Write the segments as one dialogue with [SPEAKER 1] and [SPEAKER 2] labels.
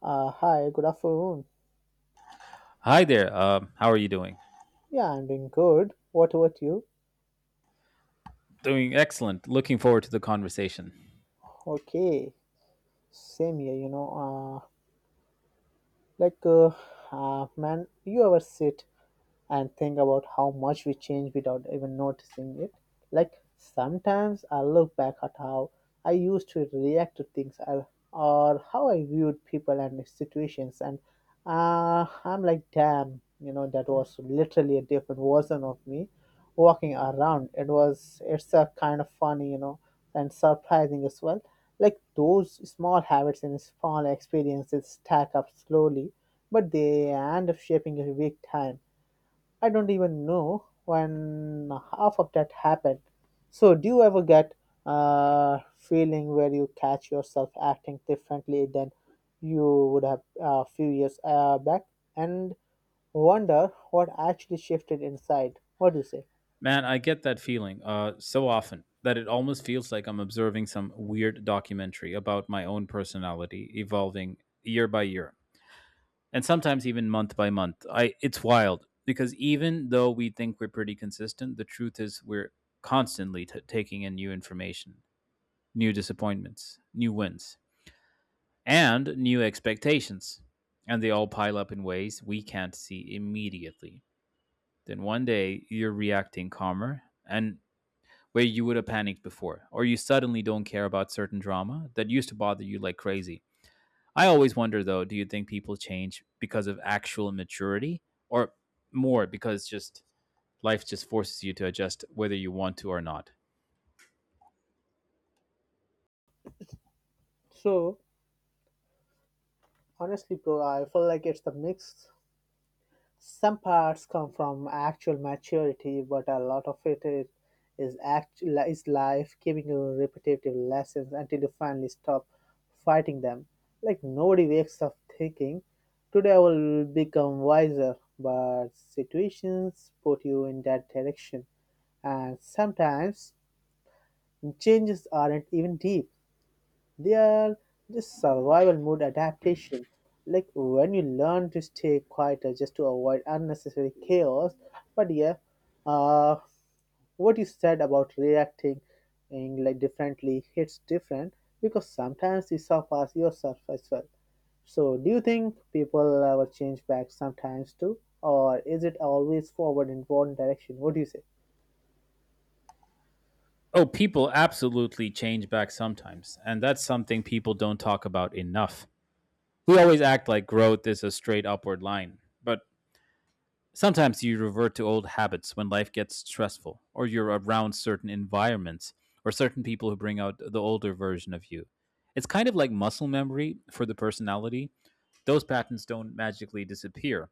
[SPEAKER 1] Hi, good afternoon.
[SPEAKER 2] Hi there. How are you doing?
[SPEAKER 1] Yeah, I'm doing good. What about you?
[SPEAKER 2] Doing excellent. Looking forward to the conversation.
[SPEAKER 1] Okay, same here, Uh, like, uh, man, you ever sit and think about how much we change without even noticing it? Like sometimes I look back at how I used to react to things or how I viewed people and situations, and I'm like, damn, that was literally a different version of me walking around. It's a kind of funny, and surprising as well. Like those small habits and small experiences stack up slowly, but they end up shaping your big time I don't even know when half of that happened. So, do you ever get a feeling where you catch yourself acting differently than you would have a few years back and wonder what actually shifted inside? What do you say?
[SPEAKER 2] Man, I get that feeling so often that it almost feels like I'm observing some weird documentary about my own personality evolving year by year and sometimes even month by month. I It's wild because even though we think we're pretty consistent, the truth is we're constantly taking in new information, new disappointments, new wins and new expectations. And they all pile up in ways we can't see immediately. Then one day you're reacting calmer and where you would have panicked before, or you suddenly don't care about certain drama that used to bother you like crazy. I always wonder though, do you think people change because of actual maturity or more because just life just forces you to adjust whether you want to or not?
[SPEAKER 1] So, honestly, bro, I feel like it's the mix. Some parts come from actual maturity, but a lot of it is life giving you repetitive lessons until you finally stop fighting them. Like nobody wakes up thinking, "Today I will become wiser," but situations put you in that direction, and sometimes changes aren't even deep. They are just survival mode adaptation. Like when you learn to stay quieter just to avoid unnecessary chaos. But yeah, uh, what you said about reacting in like differently hits different because sometimes you suffer yourself as well. So, do you think people ever change back sometimes too, or is it always forward in one direction? What do you say?
[SPEAKER 2] Oh, people absolutely change back sometimes, and that's something people don't talk about enough. We always act like growth is a straight upward line, but sometimes you revert to old habits when life gets stressful, or you're around certain environments or certain people who bring out the older version of you. It's kind of like muscle memory for the personality. Those patterns don't magically disappear,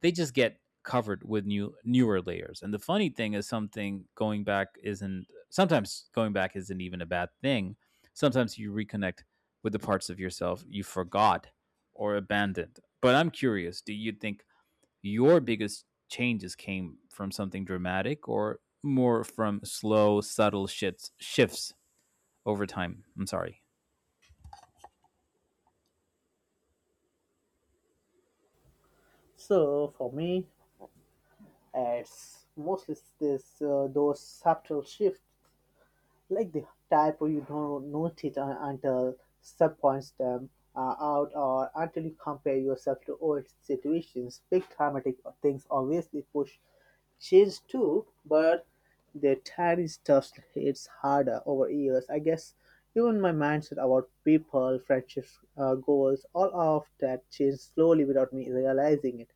[SPEAKER 2] they just get covered with newer layers. And the funny thing is something going back isn't sometimes going back isn't even a bad thing. Sometimes you reconnect with the parts of yourself you forgot or abandoned. But I'm curious, do you think your biggest changes came from something dramatic or more from slow, subtle shifts over time? I'm sorry.
[SPEAKER 1] So, for me, it's mostly this those subtle shifts like the type where you don't notice until sub points them out or until you compare yourself to old situations. Big dramatic things obviously push change too, but the tiny stuff hits harder over years. I guess even my mindset about people, friendships, goals, all of that changed slowly without me realizing it.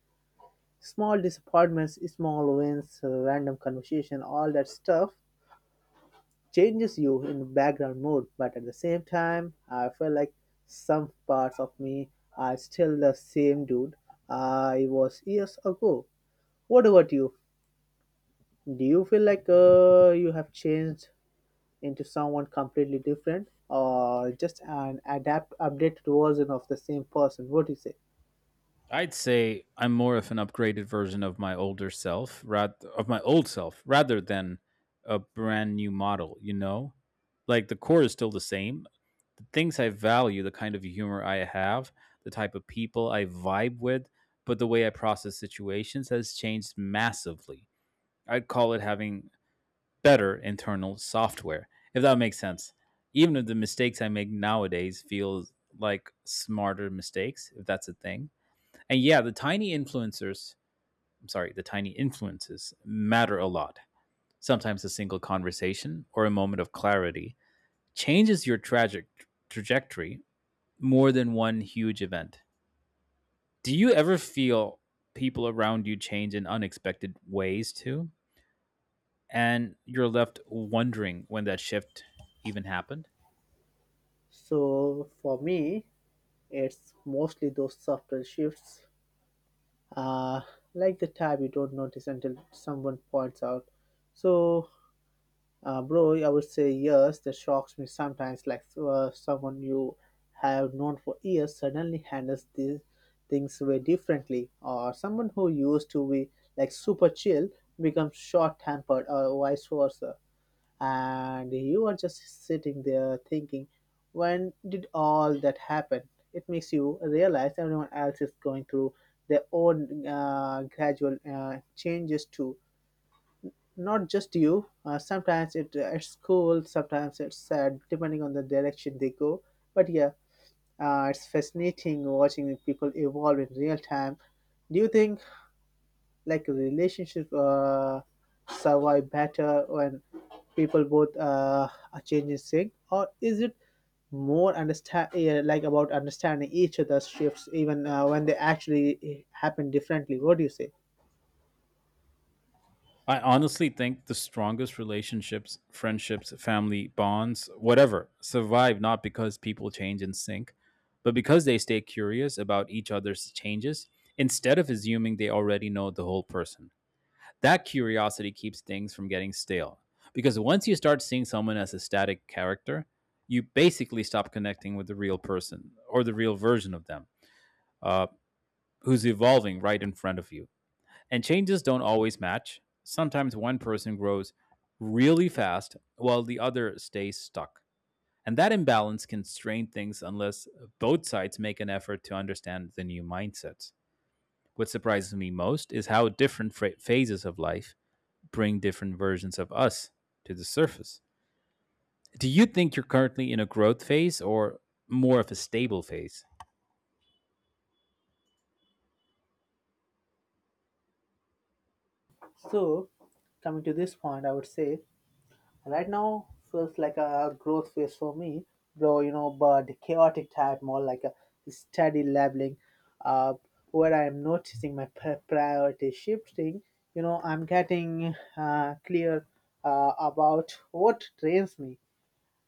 [SPEAKER 1] Small disappointments, small wins, random conversation, all that stuff changes you in background mood, but at the same time, I feel like some parts of me are still the same dude I was years ago. What about you? Do you feel like you have changed into someone completely different, or just an adapt updated version of the same person? What do you say?
[SPEAKER 2] I'd say I'm more of an upgraded version of my old self, rather than a brand new model. You know, like the core is still the same. The things I value, the kind of humor I have, the type of people I vibe with, but the way I process situations has changed massively. I'd call it having better internal software, if that makes sense. Even if the mistakes I make nowadays feel like smarter mistakes, if that's a thing. And yeah, the tiny influencers, I'm sorry, the tiny influences matter a lot. Sometimes a single conversation or a moment of clarity changes your tragic trajectory more than one huge event. Do you ever feel people around you change in unexpected ways too? And you're left wondering when that shift even happened?
[SPEAKER 1] So for me, it's mostly those subtle shifts, uh, like the type you don't notice until someone points out. So Bro, I would say yes, that shocks me sometimes. Like someone you have known for years suddenly handles these things way differently, or someone who used to be like super chill becomes short tempered, or vice versa. And you are just sitting there thinking, when did all that happen? It makes you realize everyone else is going through their own gradual changes too. Not just you. Sometimes it at school, sometimes it's sad, depending on the direction they go. But yeah, it's fascinating watching people evolve in real time. Do you think like a relationship survive better when people both are changing sync, or is it more understand yeah, like about understanding each other's shifts even when they actually happen differently? What do you say?
[SPEAKER 2] I honestly think the strongest relationships, friendships, family bonds, whatever, survive not because people change in sync, but because they stay curious about each other's changes instead of assuming they already know the whole person. That curiosity keeps things from getting stale because once you start seeing someone as a static character, you basically stop connecting with the real person or the real version of them, uh, who's evolving right in front of you. And changes don't always match. Sometimes one person grows really fast while the other stays stuck. And that imbalance can strain things unless both sides make an effort to understand the new mindsets. What surprises me most is how different phases of life bring different versions of us to the surface. Do you think you're currently in a growth phase or more of a stable phase?
[SPEAKER 1] So coming to this point, I would say right now feels like a growth phase for me, though you know, but the chaotic type more like a steady leveling up, where I am noticing my priority shifting. You know, I'm getting clear about what drains me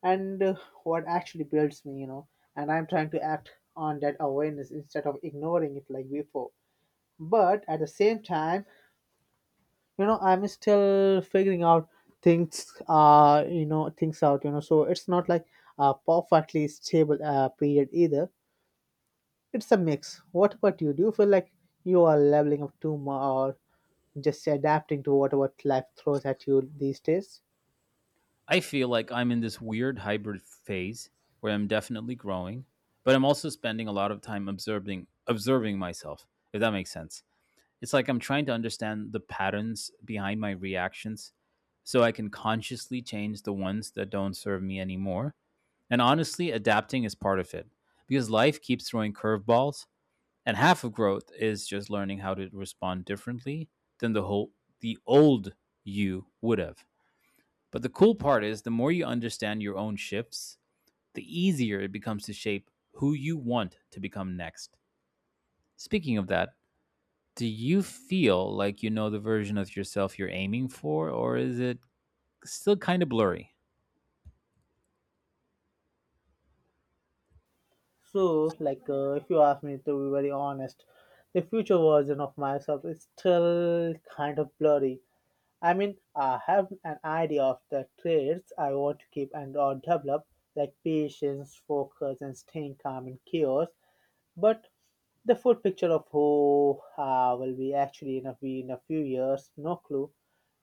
[SPEAKER 1] and what actually builds me. You know, and I'm trying to act on that awareness instead of ignoring it like before. But at the same time, you know, I'm still figuring out things things out, you know, so it's not like a perfectly stable period either. It's a mix. What about you? Do you feel like you are leveling up too much or just adapting to whatever life throws at you these days?
[SPEAKER 2] I feel like I'm in this weird hybrid phase where I'm definitely growing, but I'm also spending a lot of time observing myself, if that makes sense. It's like I'm trying to understand the patterns behind my reactions so I can consciously change the ones that don't serve me anymore. And honestly, adapting is part of it because life keeps throwing curveballs and half of growth is just learning how to respond differently than the old you would have. But the cool part is, the more you understand your own shifts, the easier it becomes to shape who you want to become next. Speaking of that, do you feel like you know the version of yourself you're aiming for, or is it still kind of blurry?
[SPEAKER 1] So like if you ask me to be very honest, the future version of myself is still kind of blurry. I mean, I have an idea of the traits I want to keep and or develop, like patience, focus, and staying calm in chaos. But the full picture of who will be actually be in a few years, no clue.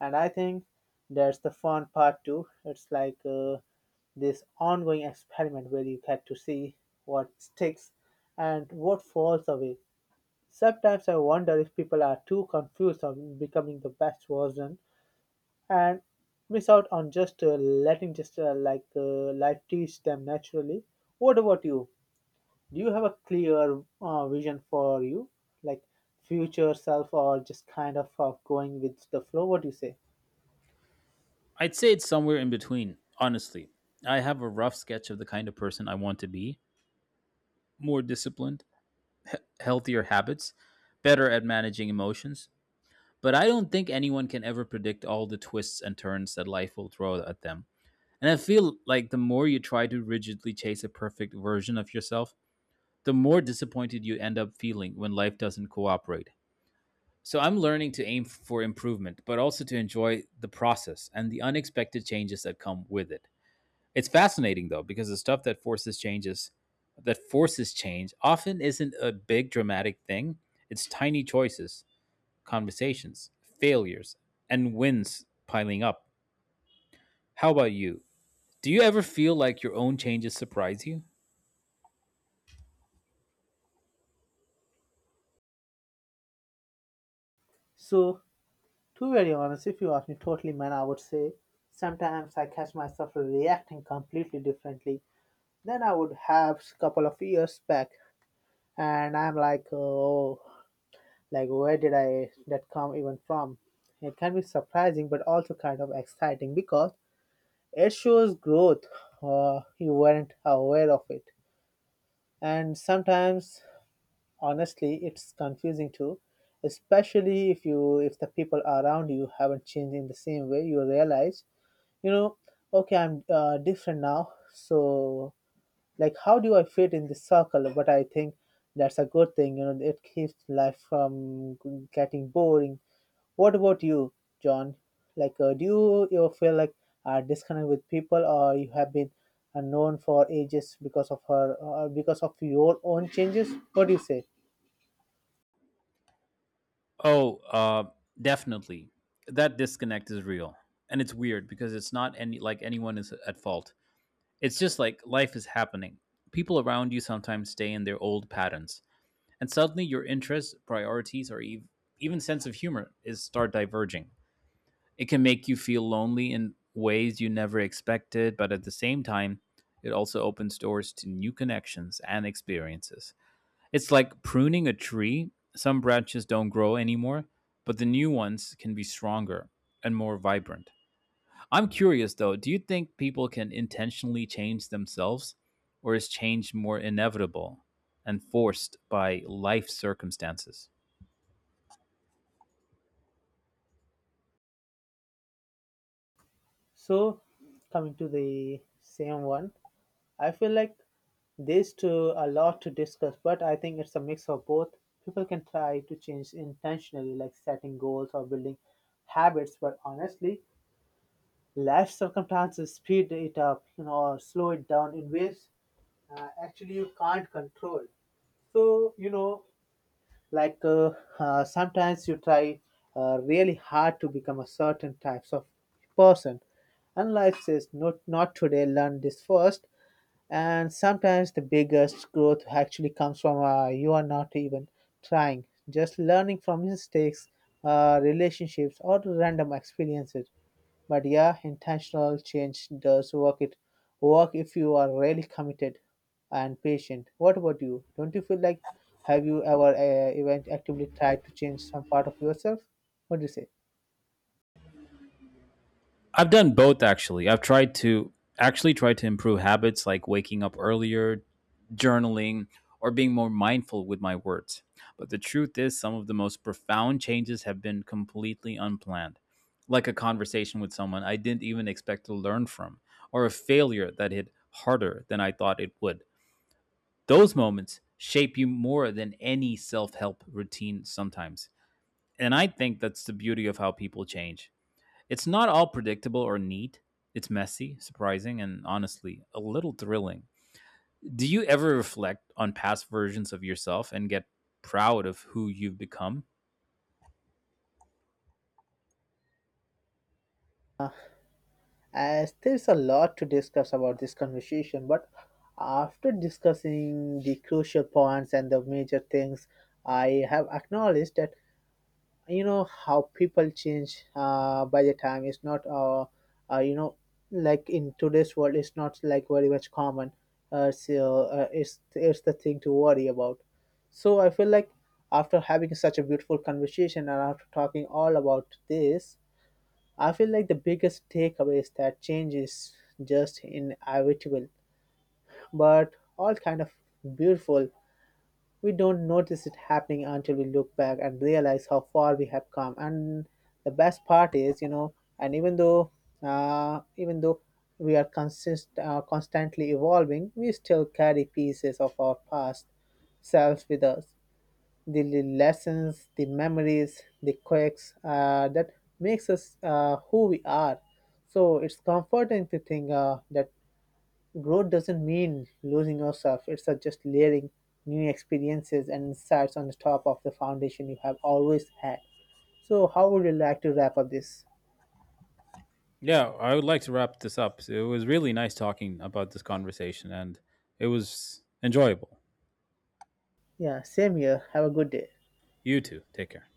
[SPEAKER 1] And I think that's the fun part too. It's like this ongoing experiment where you get to see what sticks and what falls away. Sometimes I wonder if people are too confused on becoming the best version and miss out on just letting just like life teach them naturally. What about you? Do you have a clear vision for you, like future self, or just kind of going with the flow? What do you say?
[SPEAKER 2] I'd say it's somewhere in between, honestly. I have a rough sketch of the kind of person I want to be: more disciplined, healthier habits, better at managing emotions. But I don't think anyone can ever predict all the twists and turns that life will throw at them. And I feel like the more you try to rigidly chase a perfect version of yourself, the more disappointed you end up feeling when life doesn't cooperate. So I'm learning to aim for improvement, but also to enjoy the process and the unexpected changes that come with it. It's fascinating though because the stuff that forces changes that forces change often isn't a big dramatic thing. It's tiny choices, conversations, failures, and wins piling up. How about you? Do you ever feel like your own changes surprise you?
[SPEAKER 1] So, to be very honest, if you ask me totally, man, I would say sometimes I catch myself reacting completely differently than I would have a couple of years back. And I'm like, oh, like where did I that come even from? It can be surprising but also kind of exciting because it shows growth you weren't aware of it. And sometimes honestly it's confusing too, especially if the people around you haven't changed in the same way. You realize, you know, okay, I'm different now. So like how do I fit in this circle? But I think that's a good thing. You know, it keeps life from getting boring. What about you, John? Like, do you feel like are disconnect with people, or you have been unknown for ages because of her, or because of your own changes? What do you say?
[SPEAKER 2] Oh, definitely. That disconnect is real. And it's weird because it's not anyone is at fault. It's just like life is happening. People around you sometimes stay in their old patterns, and suddenly your interests, priorities, or even sense of humor is start diverging. It can make you feel lonely in ways you never expected, but at the same time, it also opens doors to new connections and experiences. It's like pruning a tree. Some branches don't grow anymore, but the new ones can be stronger and more vibrant. I'm curious though, do you think people can intentionally change themselves, or is change more inevitable and forced by life circumstances?
[SPEAKER 1] So, coming to the same one, I feel like there's too a lot to discuss, but I think it's a mix of both. People can try to change intentionally, like setting goals or building habits, but honestly, life circumstances speed it up, you know, or slow it down in ways actually you can't control. So you know, like sometimes you try really hard to become a certain types of person, and life says not not today, learn this first. And sometimes the biggest growth actually comes from you are not even trying, just learning from mistakes, relationships, or random experiences. But yeah, intentional change does work. It work if you are really committed and patient. What about you? Don't you feel like have you ever even actively tried to change some part of yourself? What do you say?
[SPEAKER 2] I've done both actually. I've tried to Actually, try to improve habits like waking up earlier, journaling, or being more mindful with my words. But the truth is, some of the most profound changes have been completely unplanned, like a conversation with someone I didn't even expect to learn from, or a failure that hit harder than I thought it would. Those moments shape you more than any self help routine sometimes. And I think that's the beauty of how people change: it's not all predictable or neat. It's messy, surprising, and honestly, a little thrilling. Do you ever reflect on past versions of yourself and get proud of who you've become?
[SPEAKER 1] As there's a lot to discuss about this conversation, but after discussing the crucial points and the major things, I have acknowledged that you know how people change by the time it's not uh, you know like in today's world it's not like very much common. It's the thing to worry about. So I feel like after having such a beautiful conversation and after talking all about this, I feel like the biggest takeaway is that change is just inevitable, but all kind of beautiful. We don't notice it happening until we look back and realize how far we have come. And the best part is, you know, even though we are consist constantly evolving, we still carry pieces of our past selves with us, the lessons, the memories, the quirks that makes us who we are. So it's comforting to think that growth doesn't mean losing yourself. It's just layering new experiences and insights on the top of the foundation you have always had. So how would you like to wrap up this?
[SPEAKER 2] Yeah, I would like to wrap this up. It was really nice talking about this conversation, and it was enjoyable.
[SPEAKER 1] Yeah, same here. Have a good day.
[SPEAKER 2] You too. Take care.